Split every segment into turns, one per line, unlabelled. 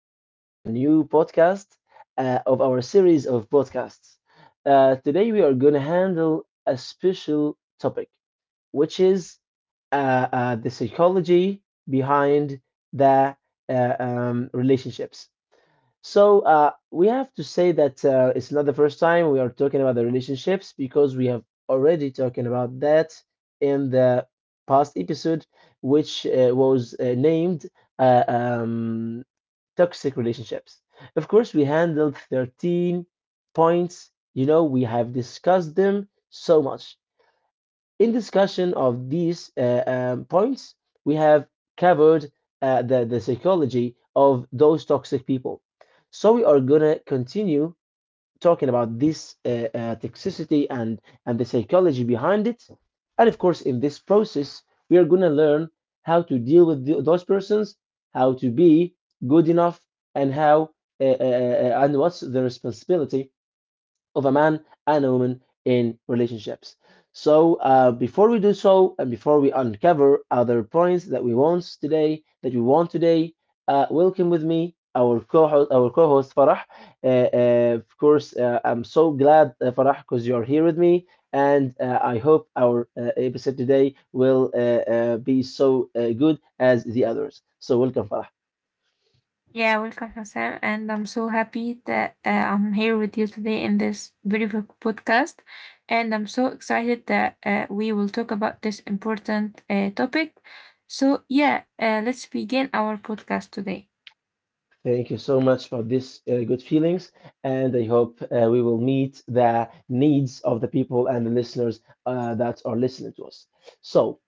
welcome to a new podcast of our series of podcasts. Today, we are going to handle a special topic, which is uh, the psychology behind the relationships. So we have to say that it's not the first time we are talking about the relationships because we have already talking about that in the past episode, which was named uh, um, toxic relationships. Of course, we handled 13 points. You know, we have discussed them so much. In discussion of these points, we have covered the psychology of those toxic people. So we are gonna continue talking about this toxicity and the psychology behind it. And of course, in this process, we are gonna learn how to deal with those persons, how to be good enough, and how and what's the responsibility of a man and a woman in relationships. So, before we do so, and before we uncover other points that we want today, welcome with me our co-host Farah. Of course, I'm so glad Farah because you're here with me, and I hope our episode today will be so good as the others. So, welcome Farah.
Yeah, welcome, Hassan. And I'm so happy that I'm here with you today in this beautiful podcast. And I'm so excited that we will talk about this important topic. So, yeah, let's begin our podcast today.
Thank you so much for this good feelings, and I hope we will meet the needs of the people and the listeners that are listening to us. So,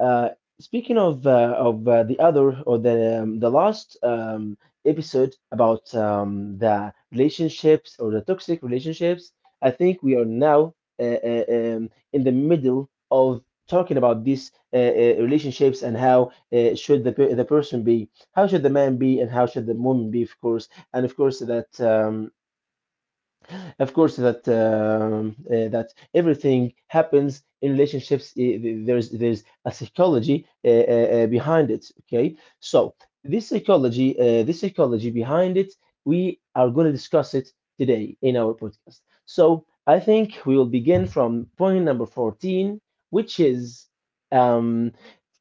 uh, speaking of the other or the last episode about the relationships or the toxic relationships, I think we are now in the middle of talking about these relationships and how should the person be, how should the man be, and how should the woman be, of course. And of course that that everything happens in relationships, there's a psychology behind it. Okay, so this psychology, this psychology behind it, we are going to discuss it today in our podcast. So I think we will begin from point number 14, which is um,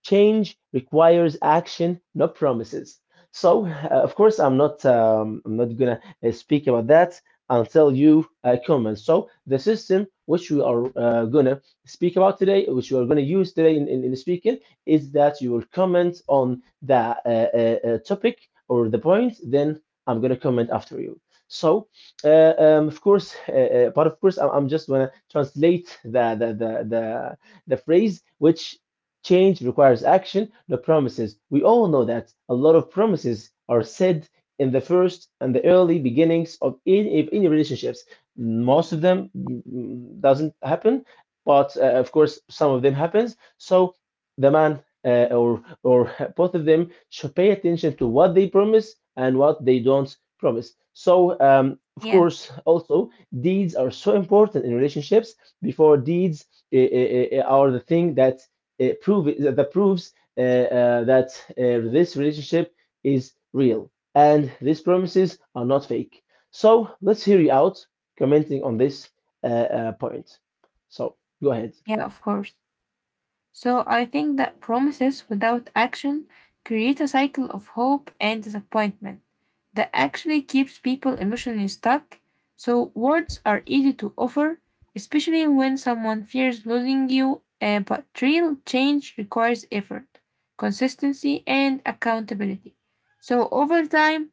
change requires action, not promises. So, of course, I'm not gonna speak about that until you comment. So, the system which we are gonna speak about today, which we are gonna use today in speaking, is that you will comment on the topic or the point, then I'm gonna comment after you. So, of course, but of course, I'm just gonna translate the phrase which: Change requires action, not promises. We all know that a lot of promises are said in the first and the early beginnings of any relationships. Most of them doesn't happen, but of course some of them happens. So the man or both of them should pay attention to what they promise and what they don't promise. So of
Yeah,
course also deeds are so important in relationships before deeds are the thing that that proves that this relationship is real and these promises are not fake. So let's hear you out commenting on this uh, point. So go ahead.
yeah, of course. So, I think that promises without action create a cycle of hope and disappointment that actually keeps people emotionally stuck. So, words are easy to offer, especially when someone fears losing you, but real change requires effort, consistency, and accountability. So, over time,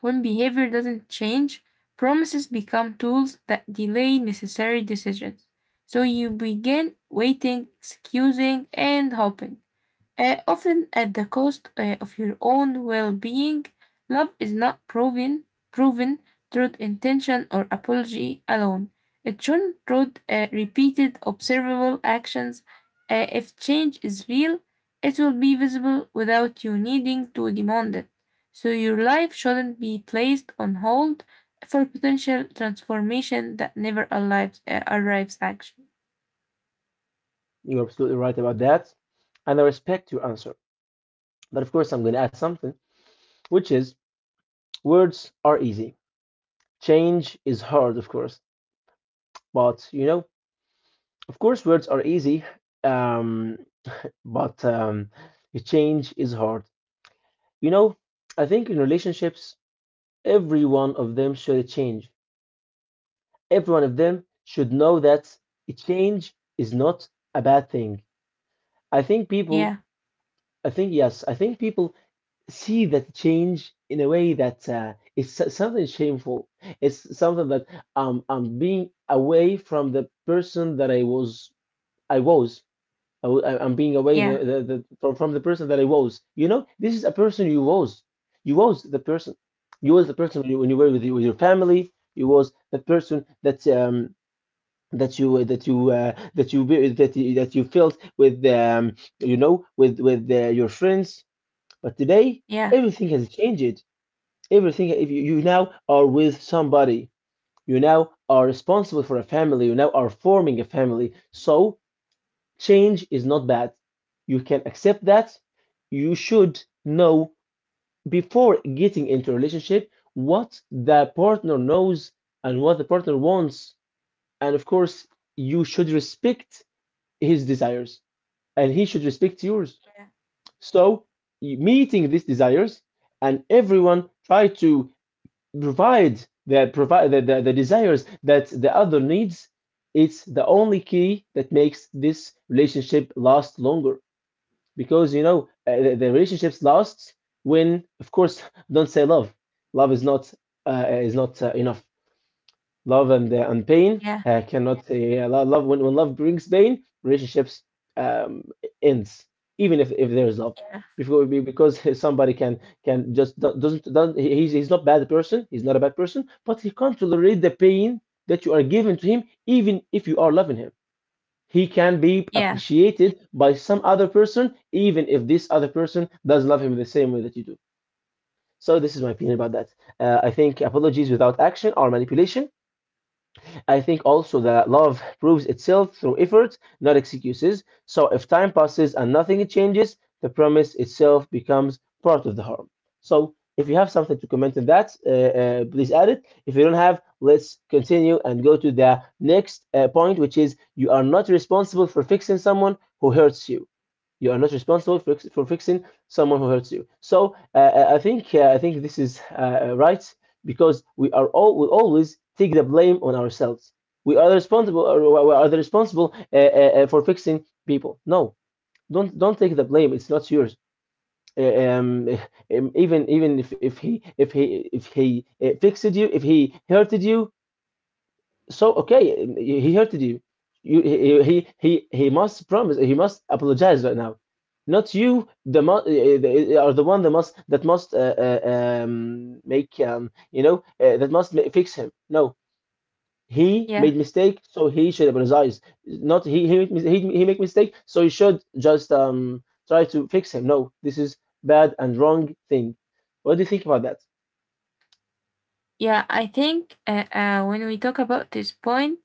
when behavior doesn't change, promises become tools that delay necessary decisions. So, you begin waiting, excusing, and hoping, often at the cost of your own well-being. Love is not proven through intention or apology alone. It should through repeated observable actions. If change is real, it will be visible without you needing to demand it. So your life shouldn't be placed on hold for potential transformation that never arrives. Arrives actually.
You're absolutely right about that, and I respect your answer. But of course, I'm going to add something, which is: words are easy. Change is hard, of course. But you know, of course, words are easy, um, but change is hard. You know, I think in relationships, every one of them should change. Every one of them should know that a change is not a bad thing. I think people,
Yeah.
I think, yes, I think people see that change in a way that it's something shameful. It's something that I'm being away from the person that I was. I was. I'm being away the,
Yeah.
the, the, from, from the person that I was. You know, this is a person you was. You was the person. You was the person when when you were with, you, with your family. You was the person that that you that that that you felt with, with your friends. But today
Yeah.
everything has changed. Everything, if you now are with somebody. You now are responsible for a family. You now are forming a family. So change is not bad. You can accept that. You should know before getting into a relationship what the partner knows and what the partner wants. And of course, you should respect his desires and he should respect yours.
Yeah.
So, meeting these desires and everyone try to provide the desires that the other needs, it's the only key that makes this relationship last longer because you know the relationships lasts when, of course, don't say love. Love is not enough. Love and pain
Yeah.
cannot yeah, lo- Love, when love brings pain, relationships um, ends even if there is love before because somebody can just do- doesn't he- he's not bad person, he's not a bad person, but he can't tolerate the pain that you are giving to him even if you are loving him. He can be
Yeah.
appreciated by some other person, even if this other person does love him the same way that you do. So this is my opinion about that. I think apologies without action are manipulation. I think also that love proves itself through effort, not excuses. So if time passes and nothing changes, the promise itself becomes part of the harm. So if you have something to comment on that, please add it. If you don't have, let's continue and go to the next point, which is: you are not responsible for fixing someone who hurts you. You are not responsible for fixing someone who hurts you. So I think this is right because we are all, we always take the blame on ourselves. We are responsible. Or we are the responsible for fixing people. No, don't take the blame. It's not yours. Uh, Um, even if he, if he if he fixed you, if he hurted you, so okay, he hurted you. You, he must promise. He must apologize right now. Not you, the mu- eh, eh, are the one that must, make, you know, that must fix him. No, he made
Yeah.
mistake, so he should apologize. Not he make mistake, so you should just try to fix him. No, this is bad and wrong thing. What do you think about that?
Yeah, I think, when we talk about this point,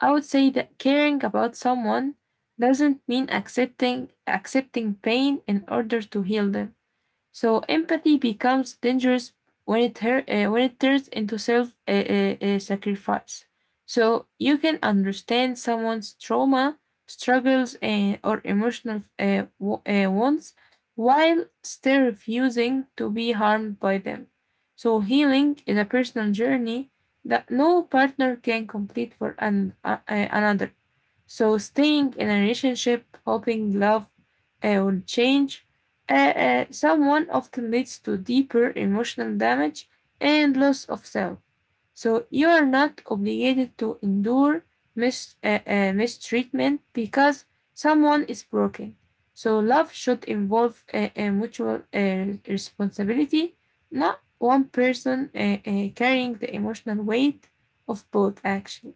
I would say that caring about someone doesn't mean accepting pain in order to heal them. So empathy becomes dangerous when it turns into self sacrifice. So you can understand someone's trauma, struggles, or emotional wants while still refusing to be harmed by them. So healing is a personal journey that no partner can complete for another. So staying in a relationship, hoping love will change someone often leads to deeper emotional damage and loss of self. So you are not obligated to endure mistreatment because someone is broken. So love should involve a mutual responsibility, not one person carrying the emotional weight of both actions.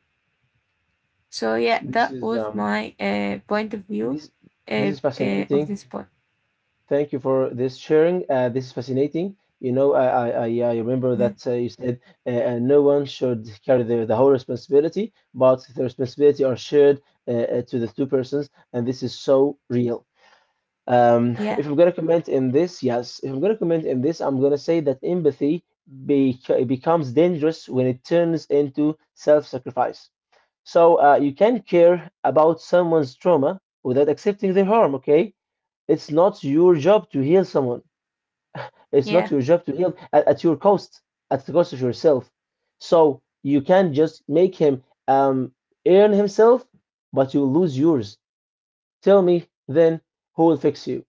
So yeah,
This
that
is
was my point of view
this this
uh,
is
of
fascinating.
this point.
Thank you for this sharing. This is fascinating. You know, I remember that
Yeah,
you said no one should carry the whole responsibility, but the responsibility are shared to the two persons, and this is so real. If
yeah,
I'm gonna comment in this, yes, if I'm gonna comment in this, I'm gonna say that empathy becomes dangerous when it turns into self-sacrifice. So you can care about someone's trauma without accepting their harm, okay? It's not your job to heal someone. It's not
yeah,
your job to heal at your cost, at the cost of yourself. So you can just make him um, earn himself, but you lose yours. Tell me then who will fix you?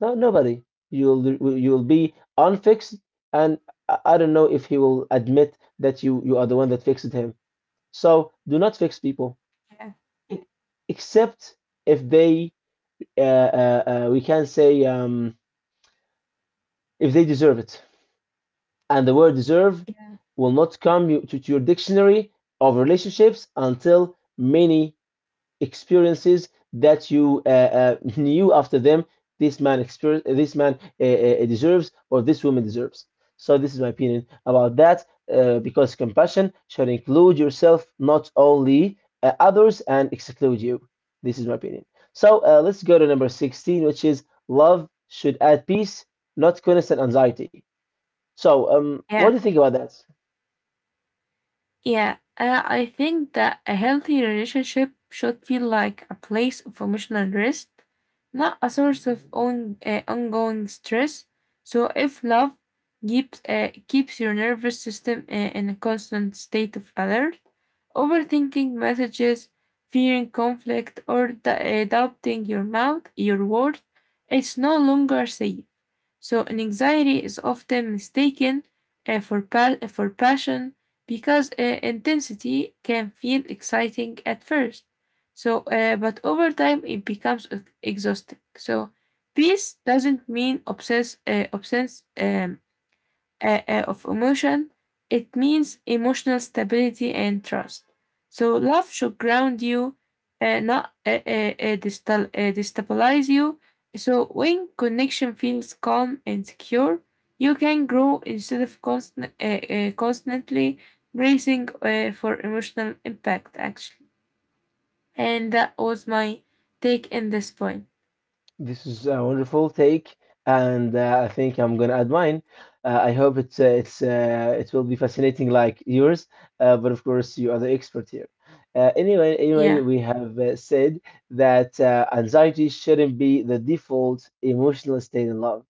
No, nobody. You'll be unfixed, and I don't know if he will admit that you are the one that fixed him. So do not fix people,
yeah,
e- except if they uh, we can say, if they deserve it. And the word deserve will not come to your dictionary of relationships until many experiences that you knew after them this man, deserves, or this woman deserves. So this is my opinion about that, because compassion should include yourself, not only others and exclude you. This is my opinion. So let's go to number 16, which is: love should add peace, not constant anxiety. So, what do
yeah.
you think about that?
Yeah, I think that a healthy relationship should feel like a place of emotional rest, not a source of ongoing stress. So, if love keeps your nervous system in a constant state of alert, overthinking messages, fearing conflict, or doubting your mouth, your word, it's no longer safe. So, an anxiety is often mistaken for passion because intensity can feel exciting at first. So, but over time it becomes exhausting. So, peace doesn't mean obsess, of emotion; it means emotional stability and trust. So love should ground you, not destabilize you. So when connection feels calm and secure, you can grow instead of constantly bracing for emotional impact. Actually, and that was my take in this point.
This is a wonderful take, and I think I'm gonna add mine. I hope it will be fascinating like yours, but of course you are the expert here. Anyway,
Yeah,
we have said that anxiety shouldn't be the default emotional state in love.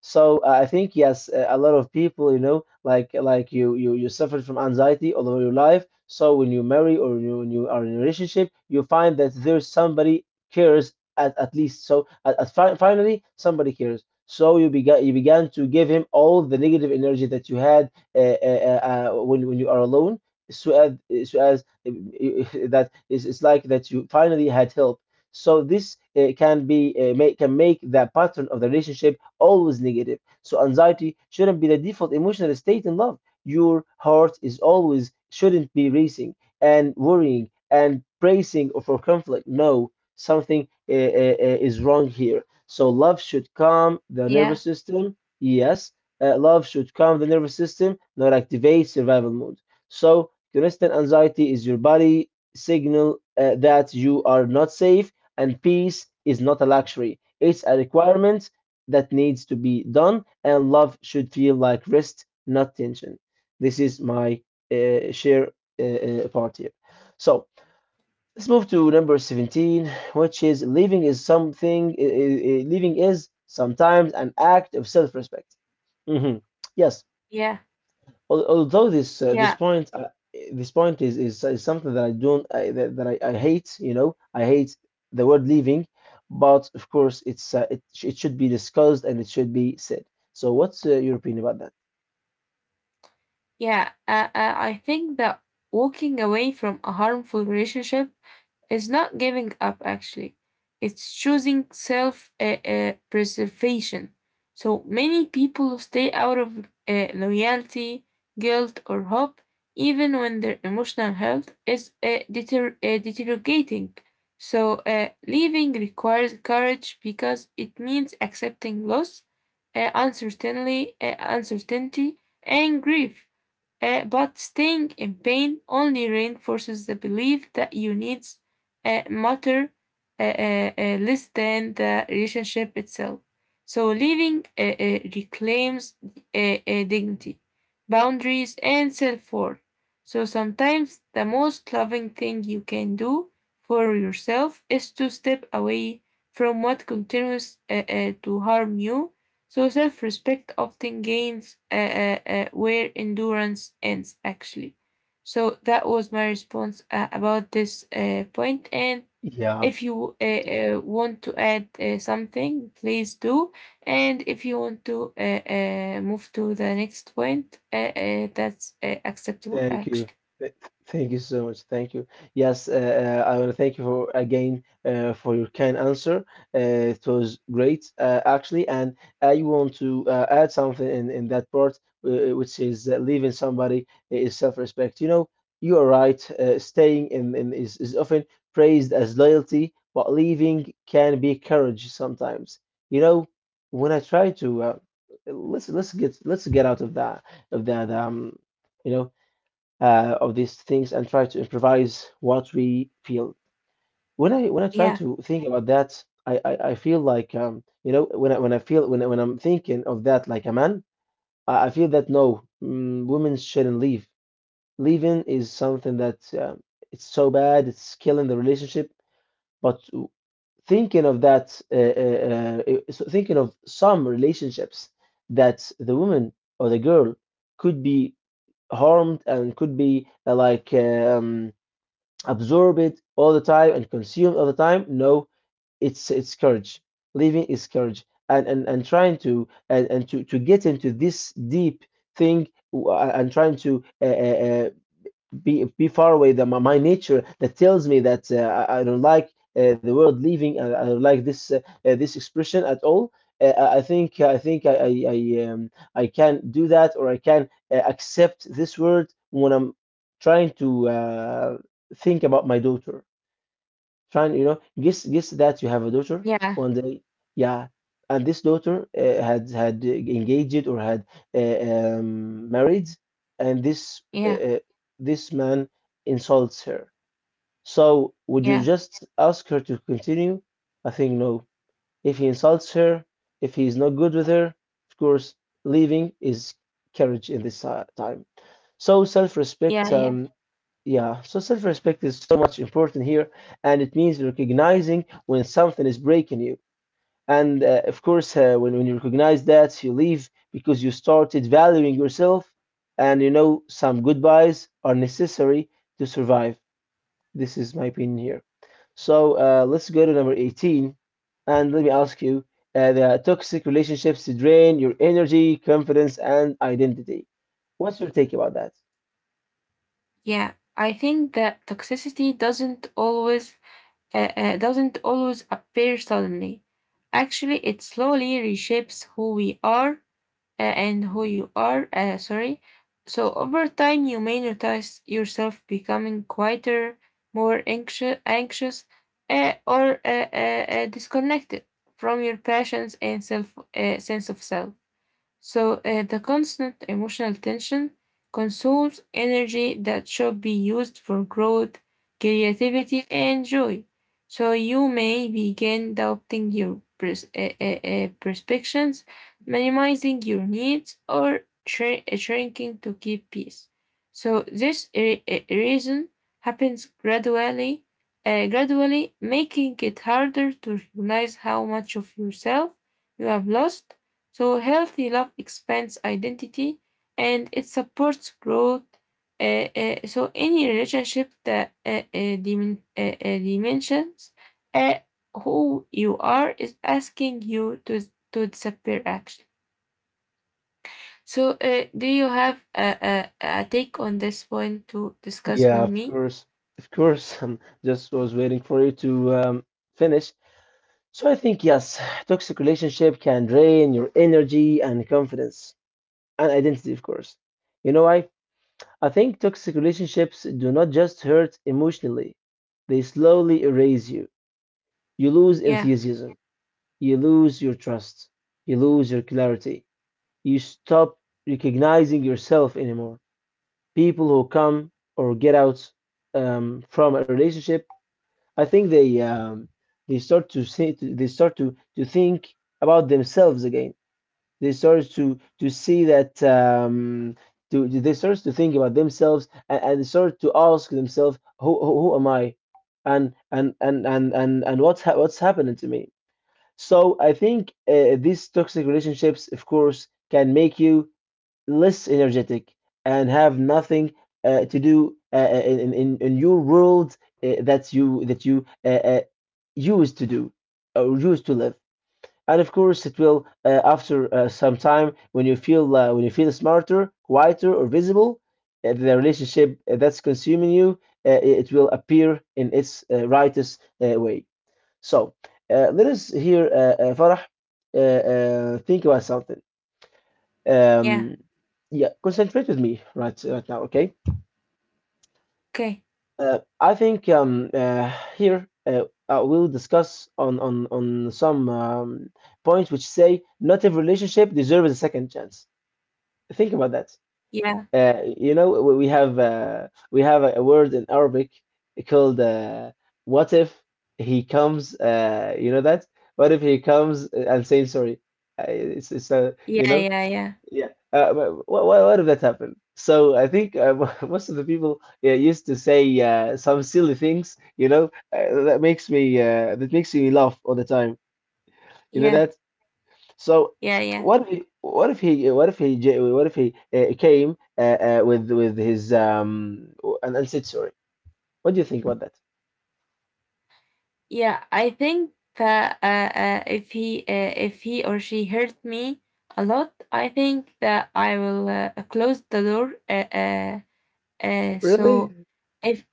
So I think yes, a lot of people, you know, like like you suffered from anxiety all over your life. So when you marry or you, when you are in a relationship, you find that there's somebody cares at least. So at fi finally, somebody cares. So you began to give him all the negative energy that you had when you are alone. So as, so as that is it's like that you finally had help. So this can be can make the pattern of the relationship always negative. So anxiety shouldn't be the default emotional state in love. Your heart is always shouldn't be racing and worrying and bracing for conflict. No, something is wrong here. So love should calm the
yeah,
nervous system. Yes, love should calm the nervous system, not activate survival mode. So constant anxiety is your body signal that you are not safe, and peace is not a luxury. It's a requirement that needs to be done, and love should feel like rest, not tension. This is my share part here. So let's move to number 17, which is living is something, living is sometimes an act of self respect. Hmm. Yes.
yeah,
Although this this
yeah.
point this point is, is something that I don't I, that, that I hate, you know, I hate the word leaving, but of course it's it should be discussed and it should be said. So what's your opinion about that?
Yeah, I think that walking away from a harmful relationship is not giving up, actually. It's choosing self preservation. So many people stay out of loyalty, guilt, or hope, even when their emotional health is deteriorating. So, leaving requires courage because it means accepting loss, uncertainty, and grief. But staying in pain only reinforces the belief that you need matter less than the relationship itself. So leaving reclaims dignity, boundaries, and self worth. So sometimes the most loving thing you can do for yourself is to step away from what continues to harm you, so self respect often gains where endurance ends, actually. So that was my response about this point. And
Yeah.
if you want to add something, please do. And if you want to move to the next point, that's acceptable,
Thank you.
actually.
Th- Thank you so much. Thank you. Yes, I want to thank you for again for your kind answer. Uh, it was great, actually. And I want to add something in that part, which is that leaving somebody is self-respect. You know, you are right. Staying in is often praised as loyalty, but leaving can be courage sometimes. You know, when I try to let's get out of that of that um you know of these things and try to improvise what we feel. When I try
Yeah,
to think about that, I feel like you know, when I feel when I- when I'm thinking of that like a man, I feel that no, women shouldn't leave. Leaving is something that it's so bad, it's killing the relationship. But w- Thinking of that, thinking of some relationships that the woman or the girl could be harmed and could be absorb it all the time and consume all the time. No, it's courage. Living is courage, and trying to and to get into this deep thing and trying to be far away than my nature that tells me that I don't like the word leaving. I don't like this this expression at all. Uh, I think I think I can do that, or I can accept this word when I'm trying to think about my daughter. Trying, you know, guess that you have a daughter
yeah,
one day. Yeah. And this daughter had had engaged or had uh, married, and this uh,
yeah,
uh, this man insults her. So would you
yeah,
just ask her to continue? I think no. If he insults her, if he's not good with her, of course, leaving is courage in this time. So self-respect,
yeah, yeah.
yeah, so self respect is so much important here, and it means recognizing when something is breaking you. And of course, when you recognize that, you leave because you started valuing yourself. And you know, some goodbyes are necessary to survive. This is my opinion here. So let's go to number 18. And let me ask you the toxic relationships drain your energy, confidence, and identity. What's your take about that?
Yeah, I think that toxicity doesn't always appear suddenly. Actually, it slowly reshapes who you are. Sorry. So over time, you may notice yourself becoming quieter, more anxious, or disconnected from your passions and self sense of self. So, the constant emotional tension consumes energy that should be used for growth, creativity, and joy. So, you may begin doubting your perspectives, minimizing your needs, or shrinking to keep peace. So, this reason happens gradually, making it harder to realize how much of yourself you have lost, so healthy love expands identity and it supports growth. So any relationship that dimensions uh, who you are is asking you to disappear action. So, do you have a take on this point to discuss
Yeah,
with
of
me?
course, of course. I'm just was waiting for you to finish. So I think yes, toxic relationship can drain your energy and confidence and identity, of course. You know why? I think toxic relationships do not just hurt emotionally, they slowly erase you. You lose
Yeah,
enthusiasm, you lose your trust, you lose your clarity. You stop recognizing yourself anymore. People who come or get out from a relationship, I think they start to say they start to think about themselves again. They start to see that to they start to think about themselves, and they start to ask themselves, who am I, and what's happening to me. So I think these toxic relationships, of course, can make you less energetic and have nothing to do in your world that you used to do or used to live. And of course, it will after some time, when you feel smarter, quieter, or visible, the relationship that's consuming you, it will appear in its rightest way. So let us hear Farah think about something.
yeah,
Um, yeah, concentrate with me right now, okay?
okay,
I think here we'll discuss on on some points which say not every relationship deserves a second chance. Think about that.
yeah,
You know, we have we have a word in Arabic called "what if he comes." You know that? What if he comes and saying sorry? It's you
yeah,
know.
yeah, yeah,
Yeah. Uh, what if that happened? So I think most of the people used to say some silly things, you know, that makes me laugh all the time. You know
yeah,
that? So
yeah, yeah.
what if he, what if he what if he j- what if he came with his an unsaid sorry? What do you think about that?
Yeah, I think that if he or she hurt me a lot, I think that I will close the door. Uh, uh, uh,
Really?
so if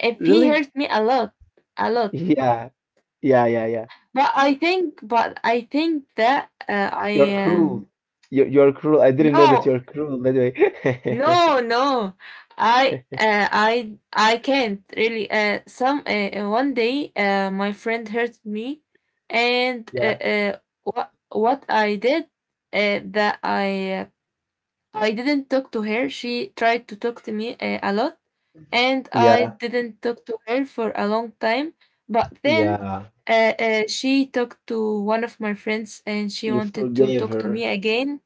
if he
Really?
hurt me a lot,
Yeah. Yeah, yeah, yeah.
but I think that I
You're cruel. You're cruel. I didn't know that
no.
you're cruel, by the way.
No, no. I can't really. Some One day, my friend hurt me, and
Yeah.
what I did that I didn't talk to her. She tried to talk to me a lot, and I
Yeah.
didn't talk to her for a long time. But then,
Yeah,
she talked to one of my friends, and she
you
wanted to
forgave
talk to
her.
me again.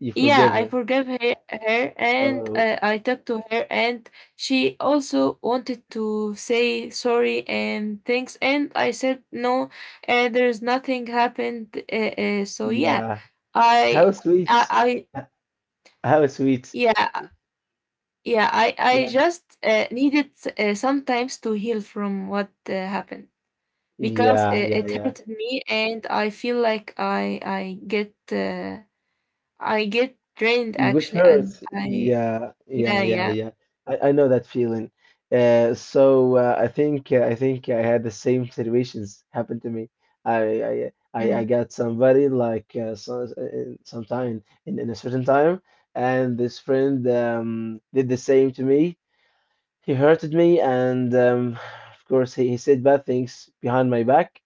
You
Yeah,
forgave
I
her.
forgave her, and
Oh,
I talked to her, and she also wanted to say sorry and thanks. And I said no, and there's nothing happened. So yeah,
yeah.
I,
How sweet.
I
H- How sweet.
yeah, yeah, I
Yeah,
just needed sometimes to heal from what happened because
yeah, yeah,
it
yeah.
hurt me, and I feel like I get, I get drained
You got
actually,
hurt.
and I.
Yeah, yeah,
Yeah,
yeah,
yeah.
yeah. I know that feeling. So I think I had the same situations happen to me. I
Mm,
got somebody like in sometime in a certain time, and this friend did the same to me. He hurted me, and of course, he said bad things behind my back.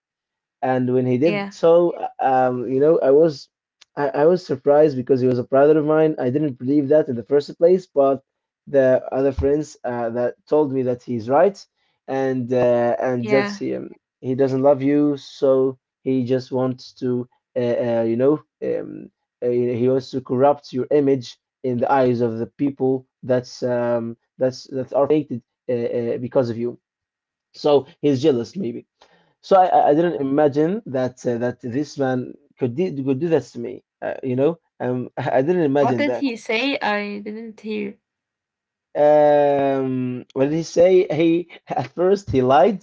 And when he did
yeah,
so, you know, I was, I was surprised because he was a brother of mine. I didn't believe that in the first place, but the other friends that told me that he's right, and that's
yeah.
him. He doesn't love you, so he just wants to, you know, he wants to corrupt your image in the eyes of the people that's that are hated because of you. So he's jealous, maybe. So I didn't imagine that that this man could do that to me. You know, I didn't
What
imagine
did
that.
he say? I didn't hear.
What did he say? He at first he lied.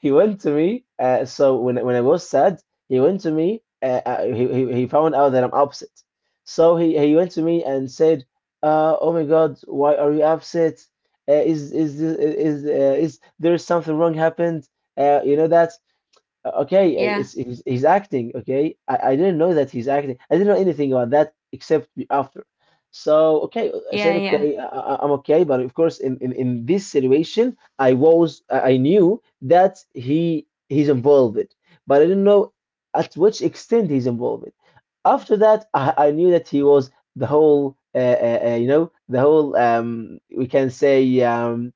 He went to me. So when I was sad, he went to me. He found out that I'm upset. So he went to me and said, "Oh my God, why are you upset? Is there something wrong happened? You know that." Okay,
Yeah,
it's, he's acting. Okay, I didn't know that he's acting. I didn't know anything about that except after. So okay, I
yeah,
said
yeah.
okay, I'm okay. But of course, in this situation, I was, I knew that he's involved, but I didn't know at which extent he's involved. After that, I knew that he was the whole, you know, the whole. We can say.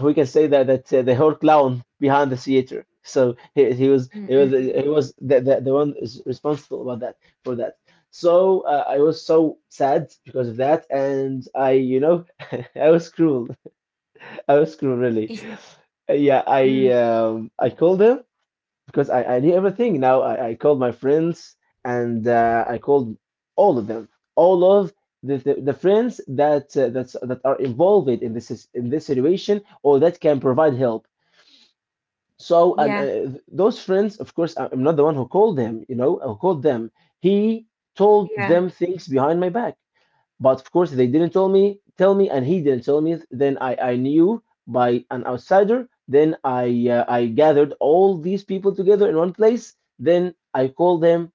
We can say that the whole clown behind the theater. So,
Mm, mm, mm.
he was the, the one is responsible about that for that. I was so sad because of that, and I I was cruel. I was cruel really.
Eesh,
Yeah,
mm,
I called him because I knew everything. Now I called my friends and I called all of them, all of the friends that are involved in in this situation or that can provide help. So and
yeah,
uh, those friends, of course, I'm not the one who called them. You know, who called them. He told
yeah,
them things behind my back. But of course, they didn't tell me, and he didn't tell me. Then I knew by an outsider. Then I gathered all these people together in one place. Then I called them,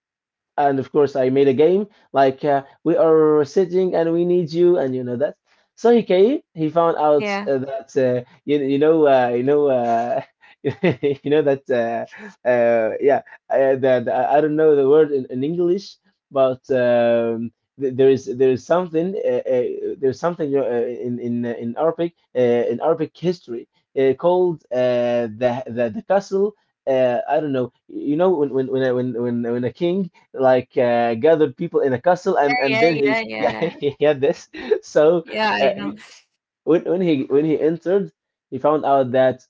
and of course I made a game like, we are sitting and we need you and you know that. So he came. He found out
yeah,
that you you know you know that uh, uh, yeah that I don't know the word in English, but there is something there's something, you know, in Arabic, in Arabic history, called the castle. I don't know. You know when when a king, like, gathered people in a castle,
yeah,
and
yeah,
then he
yeah,
yeah
yeah.
he had this. so
Yeah,
uh,
I know.
he, he when he entered, he found out that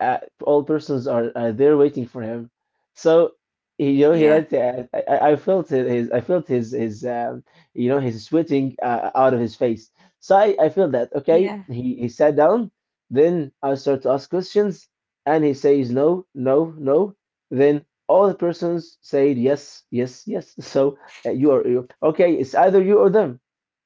uh, all persons are there waiting for him. So he, you know, he
Yeah,
like, I felt it- his I felt his you know, his sweating out of his face. So I feel that okay.
yeah,
He sat down. Then I start to ask questions, and he says no, no, no. Then all the persons said yes, yes, yes. So you are you okay. It's either you or them.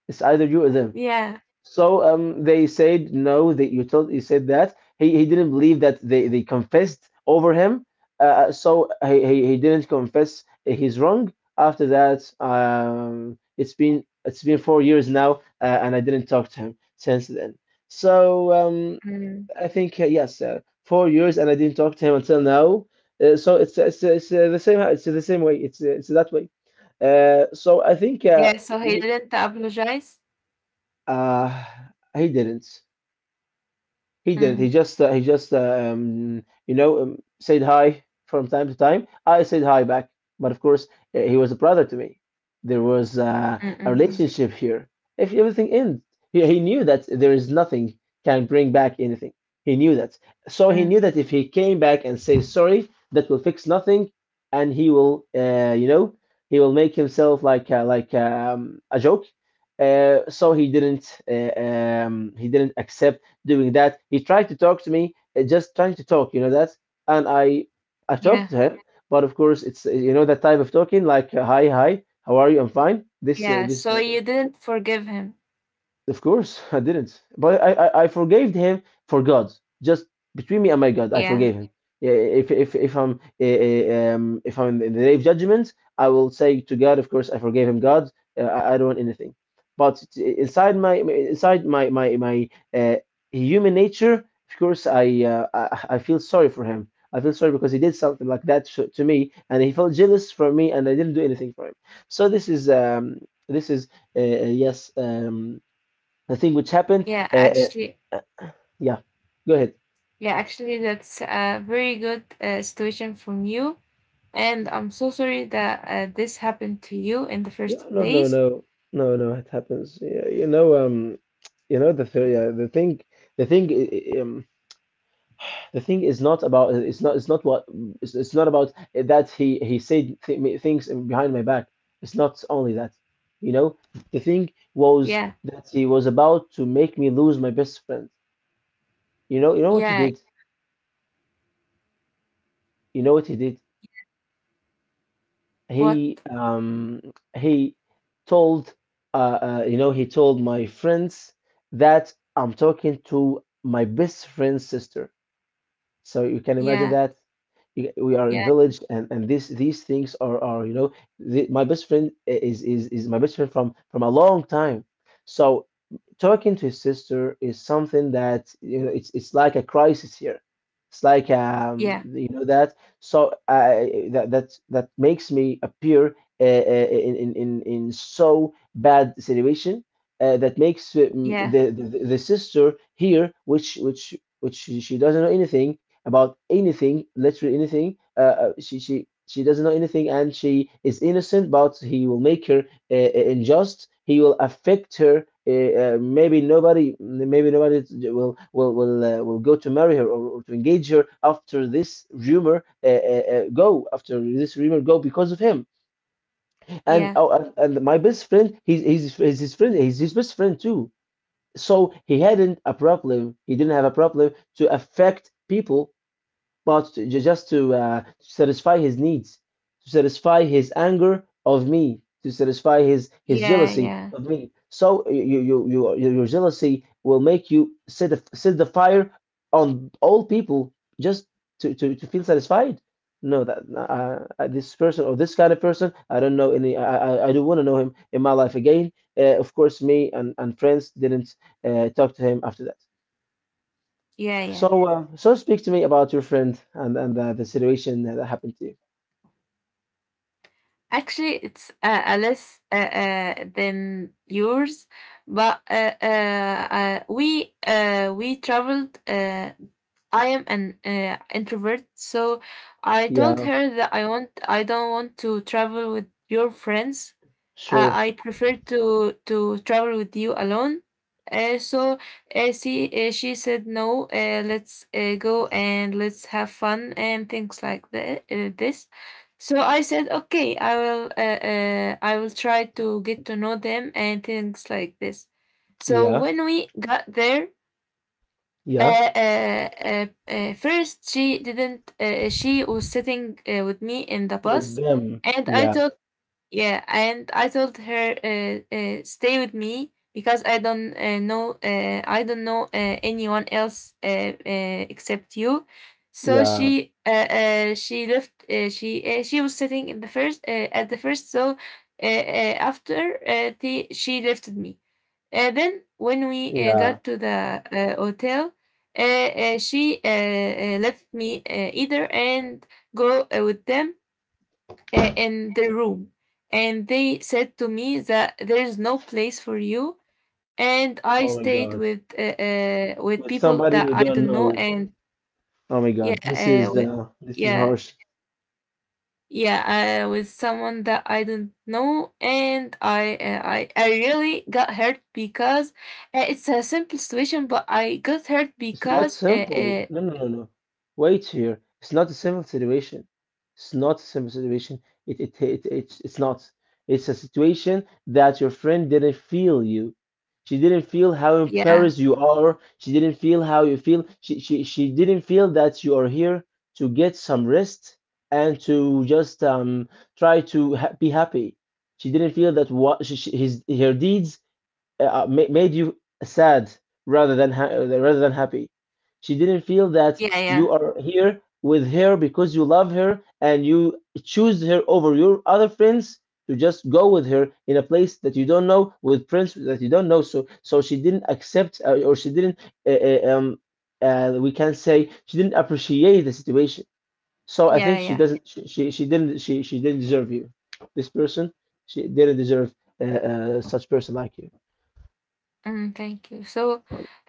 It's either you or them.
yeah.
They said no. You told you said that he didn't believe that they confessed over him. He didn't confess his wrong. After that, it's been 4 years now, and I didn't talk to him since then. So um,
Mm.
I think, yes, 4 years, and I didn't talk to him until now. It's the same it's the same way. It's that way. I think,
Yeah, so he
me
didn't apologize?
uh, he didn't. He didn't. He
Mm,
just, he just, said hi from time to time. I said hi back, but of course, he was a brother to me. There was,
mm,
a
mm, mm,
relationship here. If everything ends, he knew that there is nothing can bring back anything. He knew that, so he
mm.
knew that if he came back and say sorry, that will fix nothing, and he will, he will make himself like, a joke. He didn't, he didn't accept doing that. He tried to talk to me, just trying to talk, you know that. And I talked
Yeah,
to him, but of course it's, you know, that type of talking like, hi hi, how are you? I'm fine.
yeah.
This
So
talk.
you didn't forgive him.
Of course, I didn't. But I forgave him for God. Just between me and my God, I
Yeah,
forgave him. Yeah, if if I'm in the day of judgment, I will say to God, of course, I forgave him. God, I don't want anything. But inside my inside my my my uh, human nature, of course, I feel sorry for him. I feel sorry because he did something like that to me, and he felt jealous for me, and I didn't do anything for him. So this is, yes, the thing which happened.
yeah, actually.
Uh, yeah, go ahead.
Yeah, actually, that's a very good situation from you. And I'm so sorry that this happened to you in the
Yeah,
first
no, no,
place.
no, no, no. It happens. Yeah, you know the th yeah, the thing, i- i- um, the thing is not about. It's not. It's not what. It's not about that he said things behind my back. It's not only that. You know, the thing was
Yeah,
that he was about to make me lose my best friend. You know what he
yeah,
did. You know what he did.
what?
he um he told, you know, he told my friends that I'm talking to my best friend's sister, so you can imagine
Yeah,
that we are in
yeah,
village, and this these things are, you know, the, my best friend is my best friend from a long time. So talking to his sister is something that, you know, it's like a crisis here. It's like, um,
yeah,
you know that so I that makes me appear, in so bad situation, that makes,
yeah,
the sister here, which she doesn't know anything about anything, literally anything. She doesn't know anything, and she is innocent. But he will make her, unjust. He will affect her. Maybe nobody will, will go to marry her or to engage her after this rumor, go after this rumor go because of him. And
yeah,
oh, and my best friend, he's his friend. He's his best friend too, so he didn't have a problem to affect people, but to, just to, satisfy his needs, to satisfy his anger of me, to satisfy his
yeah,
jealousy
yeah,
of me. So you your jealousy will make you set the fire on all people just to feel satisfied. No, that, this person or this kind of person, I don't know any. I don't want to know him in my life again. Of course, me and friends didn't, talk to him after that.
yeah, yeah.
So, so speak to me about your friend and, the situation that happened to you.
Actually, it's a less than yours, but we traveled. I am an introvert, so I told
Yeah,
her that I don't want to travel with your friends.
sure.
I prefer to travel with you alone. So, she said no. Let's go and let's have fun and things like that. This. So I said okay. I will try to get to know them and things like this. So
Yeah,
when we got there,
yeah.
first, she didn't. She was sitting with me in the
With
bus,
them.
and I
Yeah,
told. Yeah, and I told her, stay with me because I don't know. I don't know anyone else except you. So
yeah,
she left. She was sitting in the first, at the first. So, after she left me. Then, when we
yeah.
got to the hotel, she left me either and go with them in the room. And they said to me that there is no place for you. And I
Oh my
stayed
God.
with, with
With
people
somebody
that
you
I
don't
don't know.
know.
And
Oh my God. This
yeah,
is,
with,
this is
yeah.
harsh.
Yeah, with someone that I don't know, and I really got hurt because it's a simple situation, but I got hurt
It's not
because,
simple. No, no, no, no. Wait here. It's not a simple situation. It's not a simple situation. It's not. It's a situation that your friend didn't feel you. She didn't feel how
yeah, yeah,
embarrassed you are. She didn't feel how you feel. She didn't feel that you are here to get some rest and to just, be happy. She didn't feel that what she, his her deeds, made you sad rather than rather than happy. She didn't feel that you
yeah,
are here with her because you love her and you choose her over your other friends to just go with her in a place that you don't know with friends that you don't know. So so she didn't accept, or she didn't, uh, uh, um we can say she didn't appreciate the situation. So I
yeah,
think she
yeah.
doesn't she didn't deserve you. This person she didn't deserve, uh, such person like you.
Mm, thank you. So,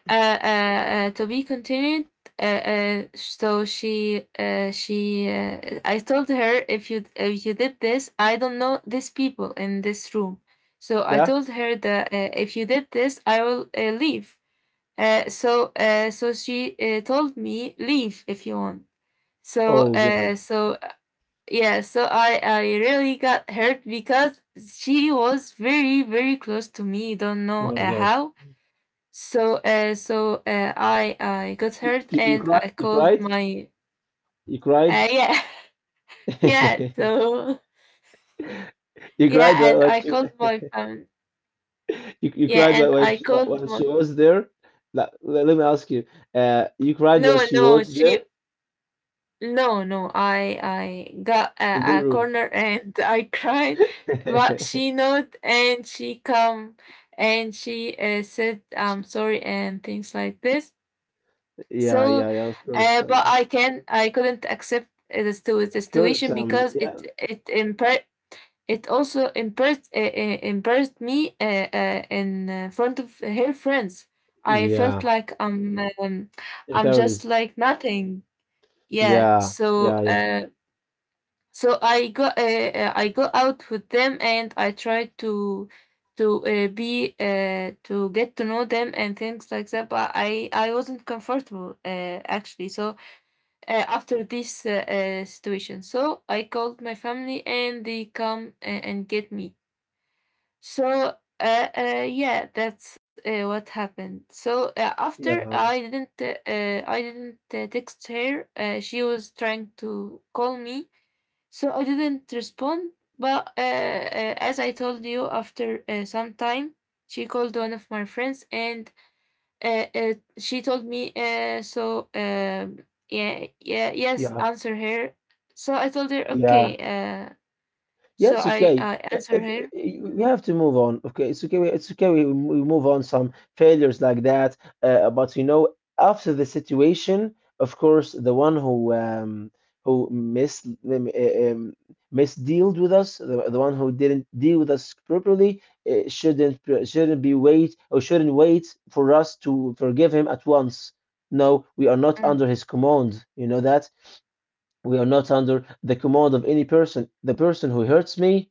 to be continued. So, I told her, if you did this, I don't know these people in this room. So I
Yeah.
told her that, if you did this, I will leave. So, she told me, leave if you want. So
Oh
uh,
God.
so yeah, so I really got hurt because she was very, very close to me. Don't know
Oh my God.
how. So I got hurt
You
and
cried.
I
You
called
cried.
my
You cried.
yeah. Yeah, so
You cried
yeah, and
while
I
she,
called my family.
you
Yeah,
cried while
and I called
while
my,
she was there. Like, let me ask you. You cried while
no,
she
no,
was there
she. No, no, I got
in your
a
room.
corner and I cried, but she nodded and she come and she said, I'm sorry and things like this.
Yeah,
So,
yeah, yeah. Of course.
but I couldn't accept the
Of course.
situation, because
Yeah.
it also embarrassed embarrassed me in front of her friends. I felt
Yeah.
like I'm just
Embarrassed.
like nothing. Yeah,
Yeah.
so.
Yeah. Yeah.
So I go out with them, and I try to be to get to know them and things like that. But I wasn't comfortable, actually. So after this situation, so I called my family, and they come and get me. So. Yeah, that's what happened. So after
Yeah. Um.
I didn't text her. She was trying to call me, so I didn't respond, but as I told you, after some time, she called one of my friends, and she told me, yeah, yeah, yes,
Yeah.
answer her. So I told her, okay.
Yeah. Yeah,
So
it's
I
okay.
I answer
If,
her.
we have to move on. Okay, it's okay. It's okay. We move on some failures like that. But you know, after the situation, of course, the one who who mis um, uh, um, misdealed with us, the one who didn't deal with us properly, uh, shouldn't shouldn't wait for us to forgive him at once. No, we are not
Mm,
under his command. You know that. We are not under the command of any person. The person who hurts me,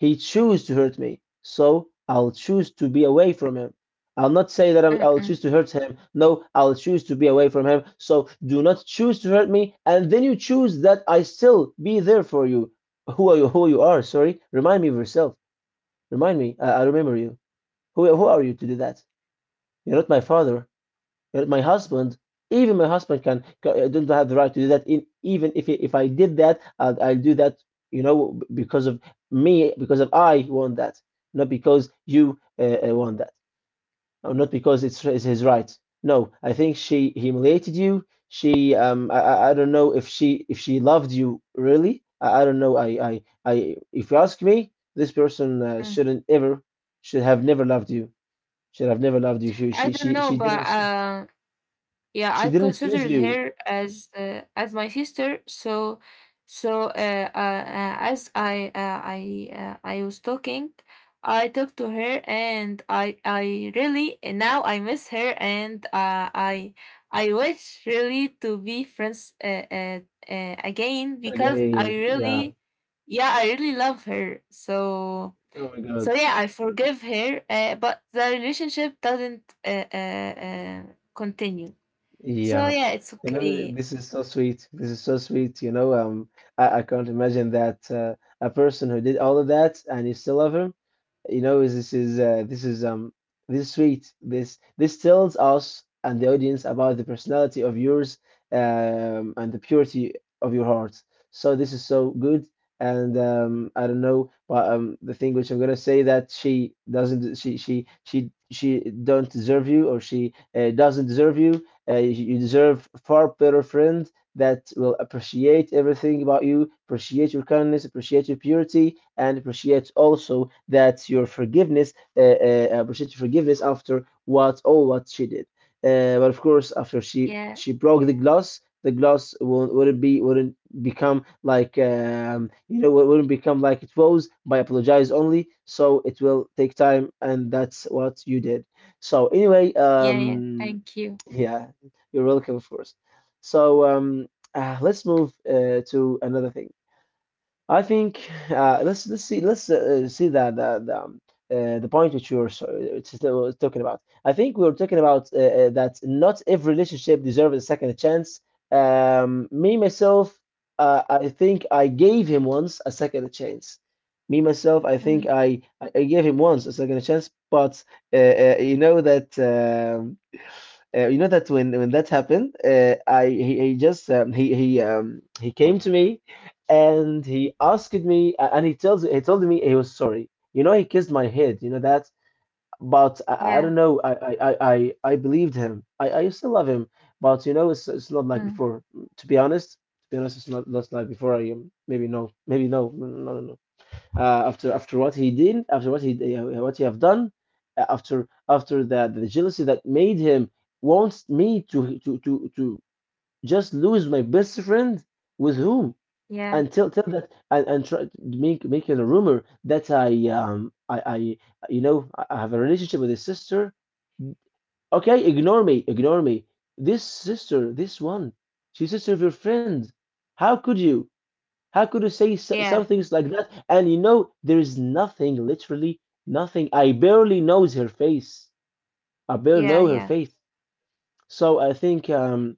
he choose to hurt me. So I'll choose to be away from him. I'll not say that I'm,
mm,
I'll choose
mm,
to hurt him. No, I'll choose to be away from him. So do not choose to hurt me, and then you choose that I still be there for you. Who are you? Who you are? Sorry. Remind me of yourself. Remind me. I remember you. Who are you to do that? You're not my father, my husband. Even my husband don't have the right to do that. Even if I did that, I'll do that, you know, because of me, because of I want that, not because you want that, or not because it's his right. No, I think she humiliated you. I don't know if she loved you really. I don't know. If you ask me, this person
mm.
shouldn't ever, should have never loved you. Should have never loved you.
I don't know,
She
but
didn't.
yeah,
She
I
didn't choose
considered
you
her as my sister. So, as I was talking, I talked to her, and I really, and now I miss her, and I wish really to be friends again, because I
again. Yeah.
really, yeah, I really love her. So.
Oh my God.
So yeah, I forgive her, but the relationship doesn't continue. So
Yeah,
yeah, it's
you know,
okay.
this is so sweet. This is so sweet. I can't imagine that a person who did all of that and you still love him. You know, is this is this is sweet. This tells us and the audience about the personality of yours, um, and the purity of your heart. So this is so good. And I don't know, but the thing which I'm gonna say that she doesn't, she don't deserve you, or she doesn't deserve you. You deserve far better friends that will appreciate everything about you, appreciate your kindness, appreciate your purity, and appreciate also that your forgiveness, appreciate your forgiveness after what all what she did. But of course, after she
Yeah,
she broke the glass won't, wouldn't be, wouldn't become like, you know, it wouldn't become like it was by apologize only. So it will take time, and that's what you did. So anyway,
yeah, yeah. Thank you.
yeah, you're welcome, of course. So um, let's move to another thing. I think let's see that the point which you're so, it's still talking about. I think we were talking about that not every relationship deserves a second chance. Me myself, I think I gave him once a second chance. Me myself, I think
Mm,
I gave him once a second chance, but you know that. You know that when that happened, I, he just, he came to me and he asked me, and he told me he was sorry. You know, he kissed my head. You know that, but I don't
yeah,
know. I believed him. I still love him, but you know, it's not like
mm,
before. To be honest, to be honest, it's not like before. I, maybe no, no, no, after what he did, after what he, have done, after the jealousy that made him wants me to just lose my best friend with whom,
yeah,
and tell that, and, try to make it a rumor that I, you know, I have a relationship with his sister. Okay, ignore me, ignore me. This sister, this one, she's sister of your friend. How could you? How could you say some
yeah,
things like that? And you know, there is nothing, literally nothing. I barely knows her face. I barely
yeah,
know her
yeah,
face. So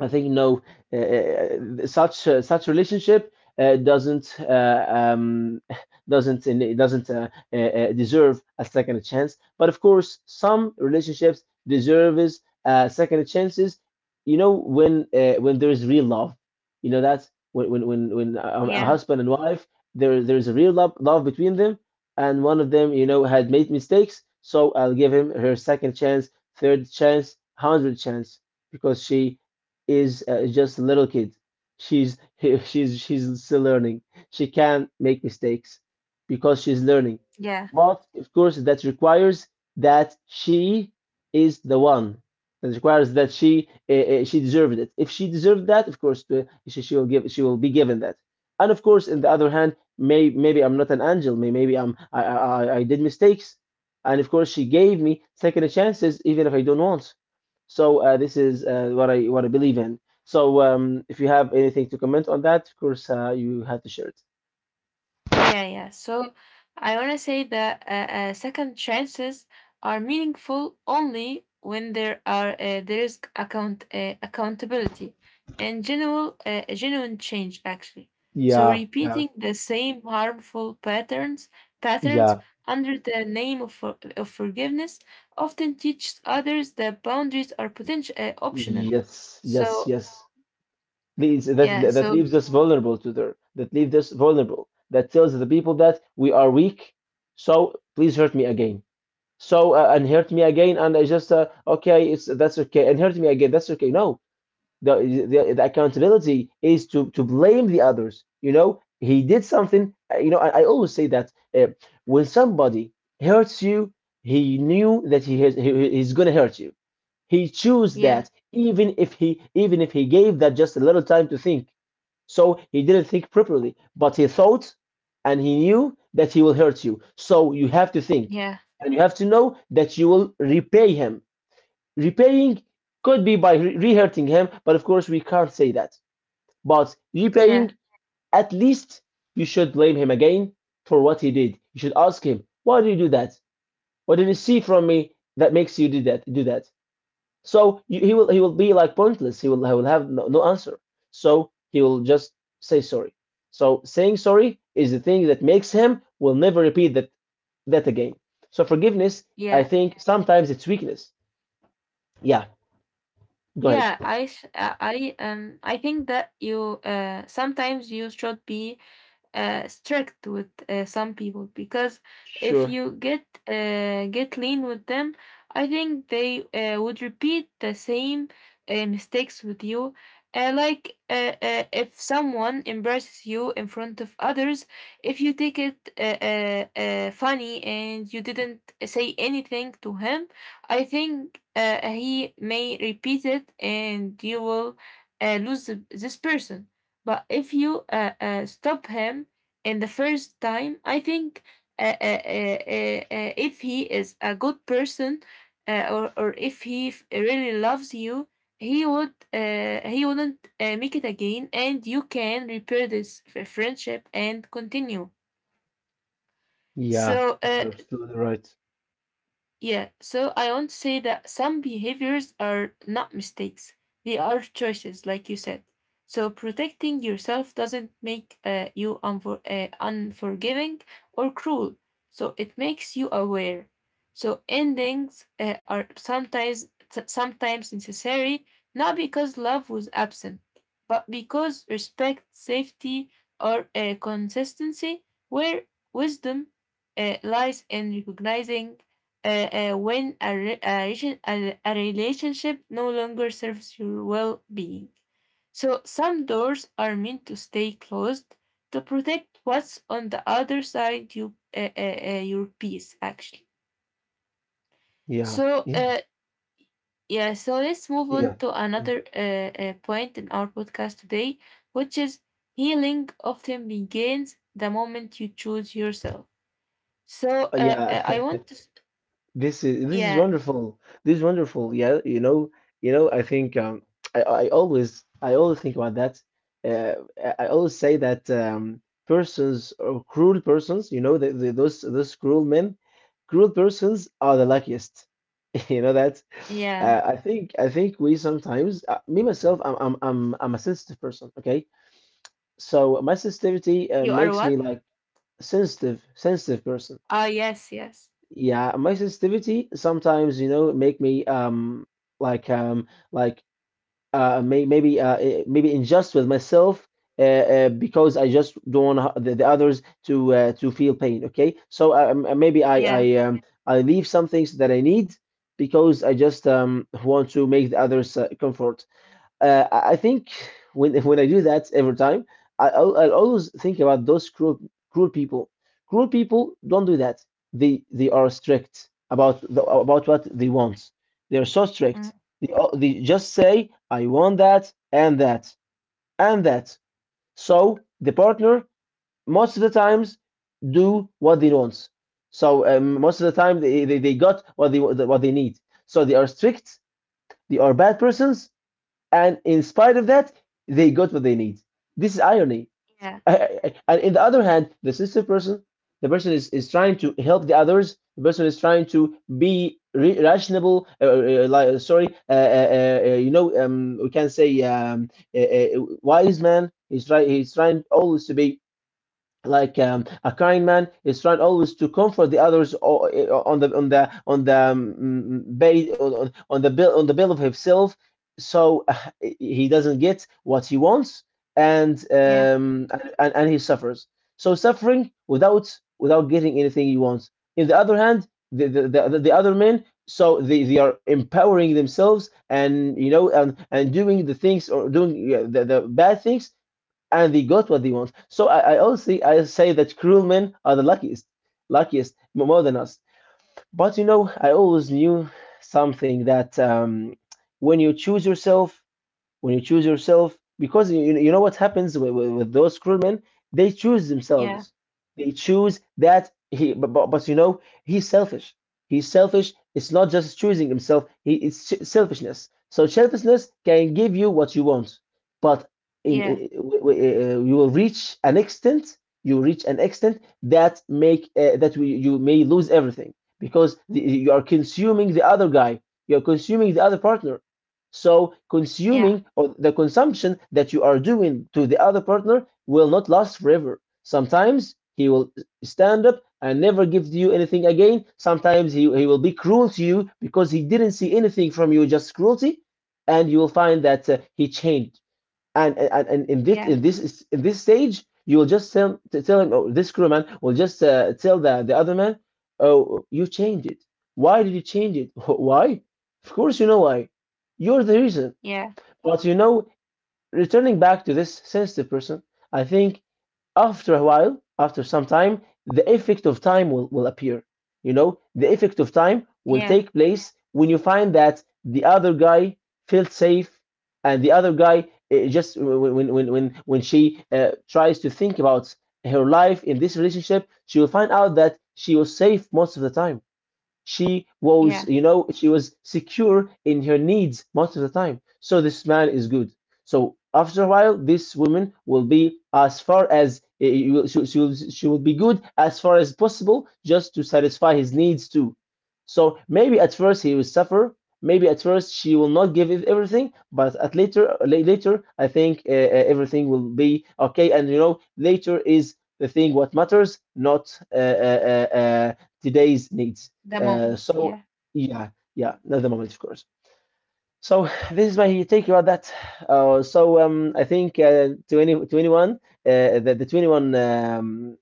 I think no, such such relationship doesn't, doesn't deserve a second chance. But of course, some relationships deserves second chances. You know when there is real love. You know that's when when a
yeah,
husband and wife, there is a real love between them, and one of them, you know, had made mistakes. So I'll give him her second chance, third chance, hundred chance, because she is just a little kid. She's she's still learning. She can make mistakes because she's learning.
yeah.
But of course, that requires that she is the one. That requires that she, she deserved it. If she deserved that, of course, she will be given that. And of course, on the other hand, maybe I'm not an angel. Maybe I'm I did mistakes. And of course, she gave me second chances, even if I don't want. So this is what I believe in. So if you have anything to comment on that, of course, you have to share it.
Yeah, yeah. So I want to say that second chances are meaningful only when there is accountability and general genuine change, actually. So
Yeah, yeah,
repeating the same harmful patterns
yeah.
under the name of forgiveness often teaches others that boundaries are potential optional. So
Yes. Please, that
yeah,
that
so
leaves us vulnerable to their that leaves us vulnerable. That tells the people that we are weak. So please hurt me again. So and hurt me again, and I just, okay, it's that's okay, and hurt me again, that's okay. No, the accountability is to blame the others. You know, he did something, you know, I always say that when somebody hurts you, he knew that he's gonna hurt you. He chose
yeah,
that, even if he, gave that just a little time to think. So he didn't think properly, but he thought, and he knew that he will hurt you. So you have to think,
yeah,
and you have to know that you will repay him. Repaying could be by re-hurting him, but of course we can't say that. But
yeah,
repaying, at least you should blame him again for what he did. You should ask him, why did you do that? What did you see from me that makes you do that? Do that. So he will, be like pointless. He will, have no, no answer. So he will just say sorry. So saying sorry is the thing that makes him will never repeat that again. So forgiveness, I
yeah.
think sometimes it's weakness. Yeah,
Yeah,
go
I
ahead.
sh- I think that you sometimes you should be strict with some people, because if
Sure.
you get lean with them, I think they would repeat the same mistakes with you. Like, if someone embarrasses you in front of others, if you take it funny and you didn't say anything to him, I think he may repeat it, and you will lose this person. But if you stop him in the first time, I think if he is a good person, or if he really loves you, he would he wouldn't make it again, and you can repair this friendship and continue.
Yeah,
So
you're absolutely right.
yeah, so I want to say that some behaviors are not mistakes. They are choices, like you said. So protecting yourself doesn't make you unforgiving or cruel. So it makes you aware. So endings are sometimes sometimes necessary, not because love was absent, but because respect, safety, or consistency, where wisdom lies in recognizing when a, re- a, relation- a relationship no longer serves your well being. So some doors are meant to stay closed to protect what's on the other side, you, your peace, actually.
Yeah,
So,
yeah,
yeah, so let's move
yeah,
on to
Mm.
another point in our podcast today, which is, healing often begins the moment you choose yourself. So,
Yeah.
I want to,
This is, this is
yeah,
wonderful. This is wonderful. Yeah, you know, you know. I think I always, I always think about that. Uh, I always say that persons or cruel persons, you know, the, those cruel men, cruel persons are the luckiest. You know that.
yeah,
I think we sometimes, me myself, I'm a sensitive person. Okay. So my sensitivity
you are
makes me
what?
like sensitive, sensitive person.
Oh, yes, yes.
Yeah, my sensitivity sometimes, you know, make me, like, like, maybe, maybe unjust with myself, uh, because I just don't want the others to feel pain. Okay, so, maybe
Yeah.
I leave some things that I need because I just, want to make the others comfort. I think when when I do that every time, I'll always think about those cruel, cruel people. Cruel people don't do that. They are strict about about what they want. They are so strict.
Mm,
They just say, "I want that, and that, and that." So the partner most of the times do what they want. So, most of the time they got what they need. So they are strict. They are bad persons, and in spite of that, they got what they need. This is irony.
yeah.
And in the other hand, the sensitive person, the person is trying to help the others. The person is trying to be rational. Sorry, you know, we can say, wise man. He's trying. He's trying always to be like, a kind man is trying always to comfort the others on the, base on the bill, of himself. So he doesn't get what he wants, and,
Yeah.
and he suffers. So suffering without, getting anything he wants. In the other hand, the other men, so they are empowering themselves, and you know, and doing the things, or doing, yeah, the bad things, and they got what they want. So I always, I say that cruel men are the luckiest, luckiest, more than us. But you know, I always knew something that when you choose yourself, when you choose yourself because you know what happens with those crewmen, they choose
Yeah.
themselves, they choose that he, but you know he's selfish. He's selfish, it's not just choosing himself, it's selfishness. So selfishness can give you what you want, but
Yeah.
you will reach an extent. You reach an extent that make you may lose everything, because you are consuming the other guy, you are consuming the other partner. So
Yeah.
consuming, or the consumption that you are doing to the other partner, will not last forever. Sometimes he will stand up and never give you anything again. Sometimes he will be cruel to you because he didn't see anything from you, just cruelty. And you will find that he changed. And in
Yeah.
this stage, you will just tell him, oh, this crew man will just tell the other man, oh, you changed it. Why did you change it? Why? Of course you know why. You're the reason.
Yeah.
But you know, returning back to this sensitive person, I think after a while, after some time, the effect of time will appear. You know, the effect of time will
Yeah.
take place when you find that the other guy felt safe, and the other guy, just when, she tries to think about her life in this relationship, she will find out that she was safe most of the time. she was
Yeah.
you know she was secure in her needs most of the time, so this man is good. So after a while, this woman will be as far as she will be good as far as possible, just to satisfy his needs too. So maybe at first he will suffer, maybe at first she will not give everything, but at later later I think everything will be okay. And you know, later is the thing what matters, not today's needs.
The
uh,
moment.
so
Yeah.
yeah, yeah, not the moment, of course. So this is my take about that. I think 20, 21, the 21,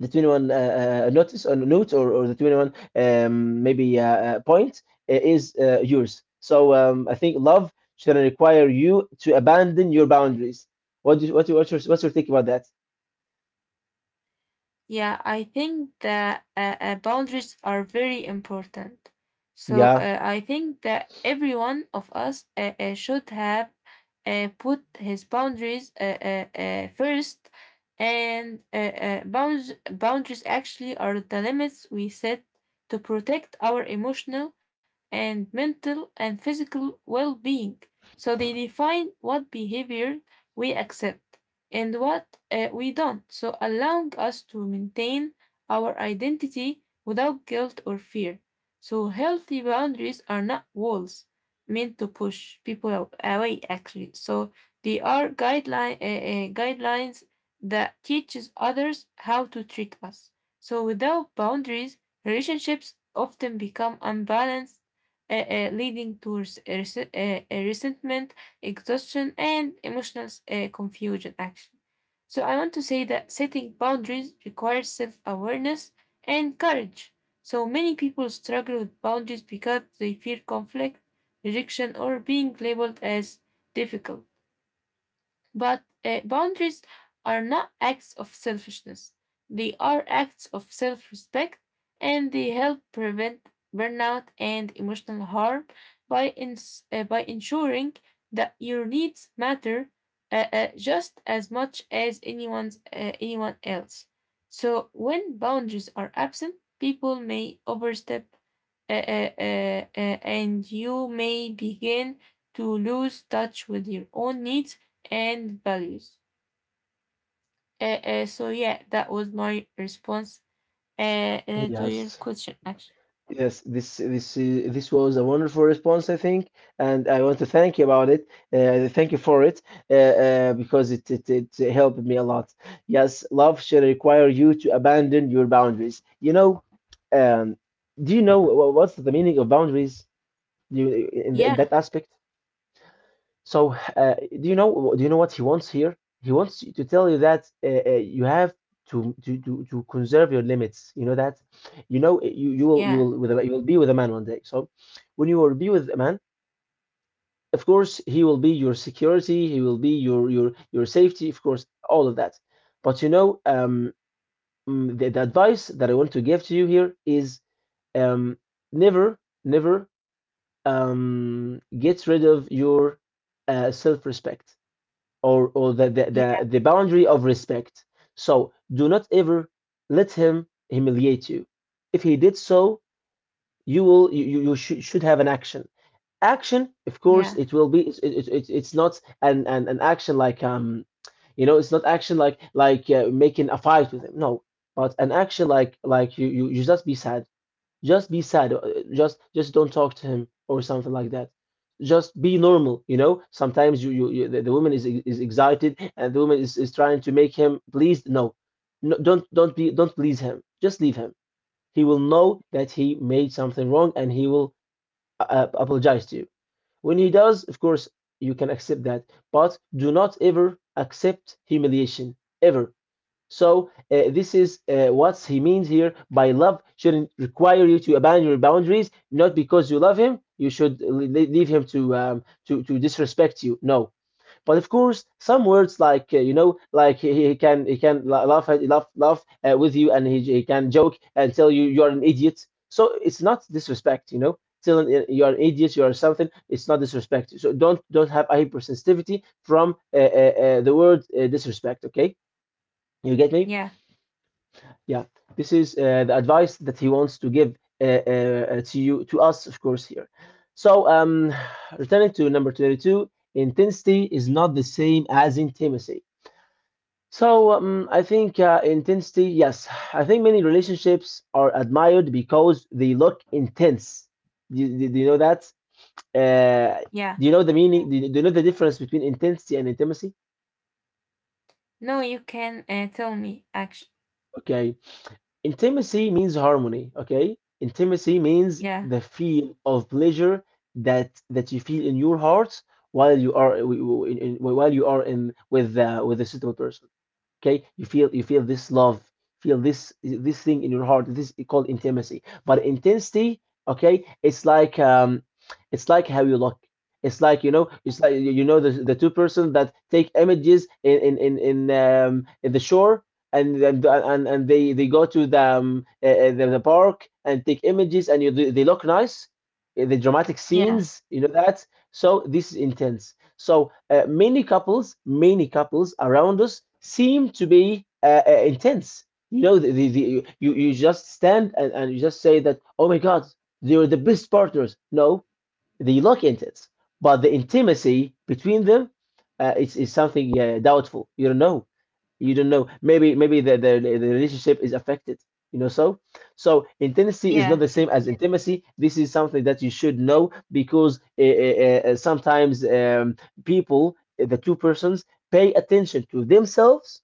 the 21 notice or note or the 21, maybe point is yours. So, I think love shouldn't require you to abandon your boundaries. What do you, what, what's your take about that?
Yeah, I think that boundaries are very important. So
Yeah.
I think that everyone of us should have put his boundaries first. And boundaries actually are the limits we set to protect our emotional and mental and physical well being. So they define what behavior we accept and what we don't, so allowing us to maintain our identity without guilt or fear. So healthy boundaries are not walls meant to push people away, actually. So they are guidelines that teaches others how to treat us. So, without boundaries, relationships often become unbalanced, leading to resentment, exhaustion, and emotional confusion. Actually, so I want to say that setting boundaries requires self awareness and courage. So many people struggle with boundaries because they fear conflict, rejection, or being labeled as difficult. But boundaries are not acts of selfishness, they are acts of self respect, and they help prevent burnout and emotional harm by, by ensuring that your needs matter just as much as anyone else. So when boundaries are absent, people may overstep, and you may begin to lose touch with your own needs and values. So yeah, that was my response to your
Yes.
question. Actually,
Yes, this was a wonderful response, I think, and I want to thank you about it. Thank you for it, because it helped me a lot. Yes, love should require you to abandon your boundaries. You know, um, do you know what's the meaning of boundaries? Do you, in
yeah,
that aspect? So, do you know what he wants here? He wants to tell you that you have to conserve your limits. You know that.
yeah,
You will be with a man one day. So, when you will be with a man, of course he will be your security, he will be your safety, of course, all of that. But you know, the advice that I want to give to you here is, um, never, never, get rid of your self-respect, or or the the
yeah,
the, the boundary of respect. So do not ever let him humiliate you. If he did so, you will you you, you should have an action. Action, of course,
yeah,
it will be. It's not an action like it's not action like making a fight with him. No, but an action like you just be sad. Just be sad. Just don't talk to him or something like that. Just be normal. Sometimes the woman is excited, and the woman is trying to make him pleased. No. No, don't please him. Just leave him. He will know that he made something wrong, and he will apologize to you. When he does, of course, you can accept that. But do not ever accept humiliation, ever. So, this is what he means here by love shouldn't require you to abandon your boundaries, not because you love him. You should leave him to to disrespect you. No, but of course, some words like, like he can he can laugh laugh laugh with you, and he can joke and tell you, you're an idiot. So it's not disrespect. Telling, you're an idiot, you're something, it's not disrespect. So don't have a hypersensitivity from the word disrespect. Okay, you get me?
yeah,
Yeah, this is the advice that he wants to give to you, to us, of course, here. So, returning to number 22, intensity is not the same as intimacy. So, I think intensity, yes, I think many relationships are admired because they look intense. Do you know that? Uh,
yeah.
do you know the meaning? Do you know the difference between intensity and intimacy?
No, you can tell me. Actually,
Okay. Intimacy means harmony, okay? Intimacy means
yeah,
the feel of pleasure that you feel in your heart, while you are while you are in with a suitable person. Okay, you feel this love, feel this thing in your heart. This is called intimacy. But intensity, okay, it's like, it's like how you look. It's like, you know, it's like, you know the two person that take images in the shore, and they go to the park and take images, and you they look nice, the dramatic
yeah,
scenes, you know that. So this is intense. So many couples around us seem to be intense. You know, the you you just stand, and you just say that, oh my God, they were the best partners. No, they look into it, but the intimacy between them is something doubtful. You don't know. You don't know. Maybe, maybe the relationship is affected. You know, so intimacy is not
yeah,
the same as intimacy. This is something that you should know, because sometimes, people, the two persons, pay attention to themselves,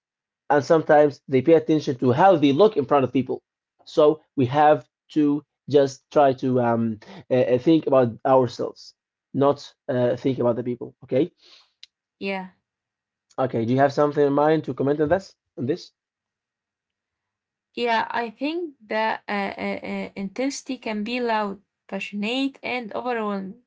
and sometimes they pay attention to how they look in front of people. So we have to just try to think about ourselves, not think about the people. Okay.
yeah.
Okay. Do you have something in mind to comment on this? On this?
Yeah, I think that intensity can be loud, passionate, and overwhelming,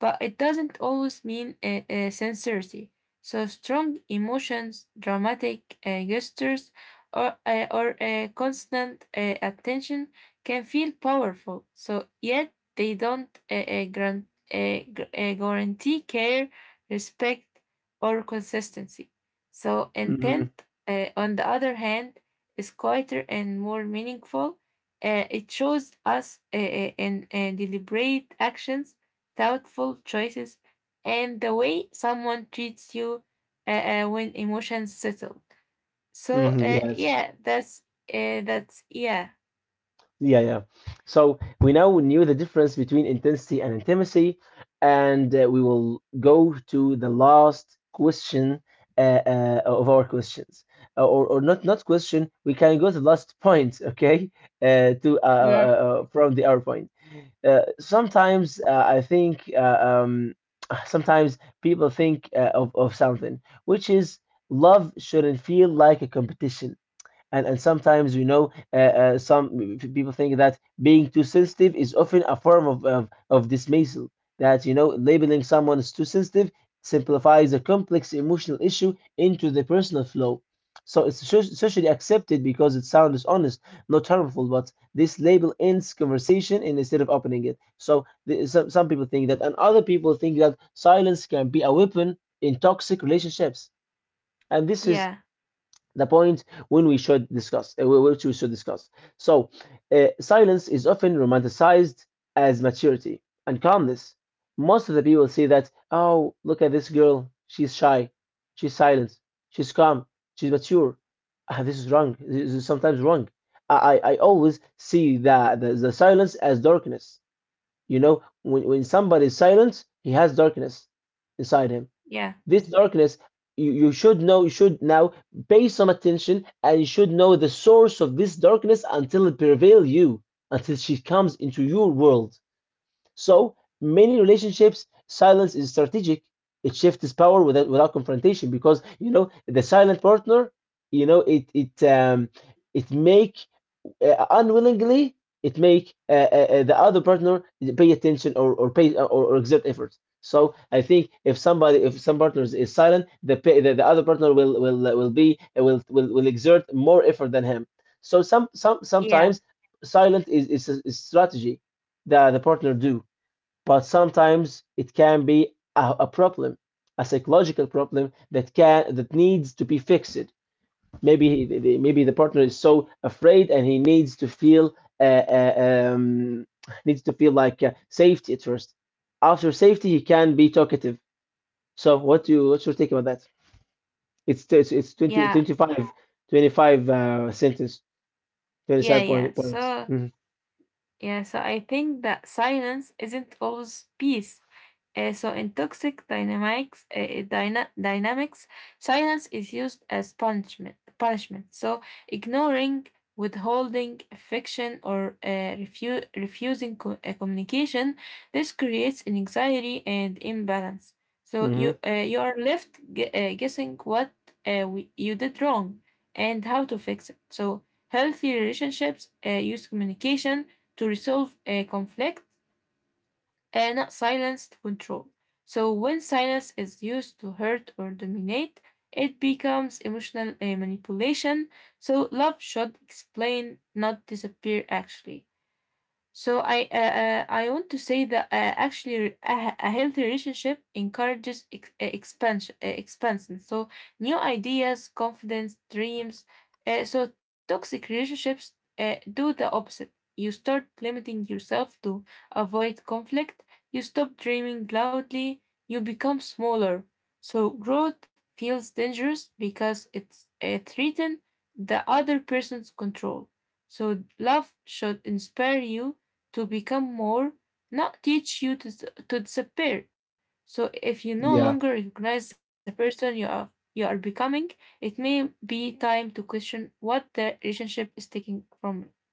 but it doesn't always mean sincerity. So strong emotions, dramatic gestures, or constant attention can feel powerful. So yet they don't guarantee care, respect, or consistency. So
hmm
intent, on the other hand, is quieter and more meaningful. It shows us and deliberate actions, thoughtful choices, and the way someone treats you when emotions settle. So
Yes.
yeah, that's yeah,
Yeah, yeah. So we now knew the difference between intensity and intimacy, and we will go to the last question, of our questions. Or not question. We can go to the last point, okay? To
yeah,
from the hour point. Sometimes, I think, sometimes people think of something, which is, love shouldn't feel like a competition. And sometimes, you know, some people think that being too sensitive is often a form of dismissal. That, you know, labeling someone as too sensitive simplifies a complex emotional issue into the personal flow. So it's socially accepted because it sounds honest, not harmful. But this label ends conversation, and instead of opening it. So the, some people think that, and other people think that silence can be a weapon in toxic relationships. And this is
yeah,
the point when we should discuss, which we should discuss. So silence is often romanticized as maturity and calmness. Most of the people say that, oh, look at this girl, she's shy, she's silent, she's calm, she's mature. Ah, this is wrong, this is sometimes wrong. I i, I always see the silence as darkness. You know, when somebody is silent, he has darkness inside him.
yeah,
This darkness, you should know, you should now pay some attention, and you should know the source of this darkness until it prevails you, until she comes into your world. So, many relationships, silence is strategic. It shifts power without confrontation, because, you know, the silent partner, you know, it make, unwillingly, it make the other partner pay attention, or pay, or exert effort. So I think if somebody if some partners is silent, the other partner will exert more effort than him. So some some
yeah,
sometimes silent is a is strategy that the partner do. But sometimes it can be a problem, a psychological problem that needs to be fixed. Maybe he, maybe the partner is so afraid, and he uh, uh, um, needs to feel like safety at first. After safety, he can be talkative. So what's your take about that? It's
yeah,
twenty twenty five twenty five 25, 25 sentence,
yeah,
27
yeah.
point, points.
So. Yeah, so I think that silence isn't always peace. So in toxic dynamics, dynamics, silence is used as punishment. Punishment. So ignoring, withholding affection, or refusing communication, this creates an anxiety and imbalance. So
Hmm
you you are left guessing what you did wrong and how to fix it. So healthy relationships use communication to resolve a conflict and not silence to control. So when silence is used to hurt or dominate, it becomes emotional manipulation. So love should explain, not disappear. Actually. So I want to say that, actually, a healthy relationship encourages expansion, expansion. So new ideas, confidence, dreams. So toxic relationships do the opposite. You start limiting yourself to avoid conflict. You stop dreaming loudly. You become smaller. So growth feels dangerous because it's threaten the other person's control. So love should inspire you to become more, not teach you to disappear. So if you no longer
Yeah.
recognize the person you are becoming, it may be time to question what the relationship is taking from you.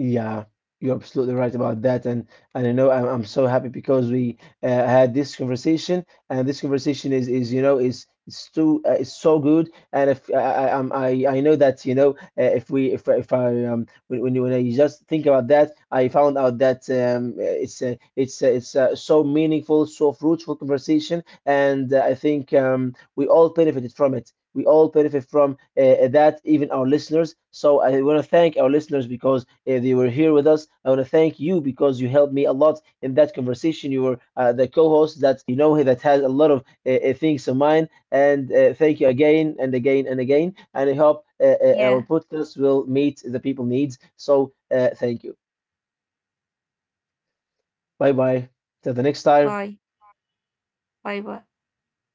Yeah, you're absolutely right about that, and I know, I'm so happy because we had this conversation, and this conversation is you know is it's too it's so good, and if I know that if we if I when I just think about that, I found out that it's a so meaningful, so fruitful conversation, and I think, we all benefited from it. We all benefit from, that, even our listeners. So I want to thank our listeners because they were here with us. I want to thank you because you helped me a lot in that conversation. You were the co-host that you know that has a lot of things in mind. And thank you again and again and again. And I hope our podcast
Yeah,
will meet the people needs. So thank you. Bye bye. Till the next time.
bye. Bye bye.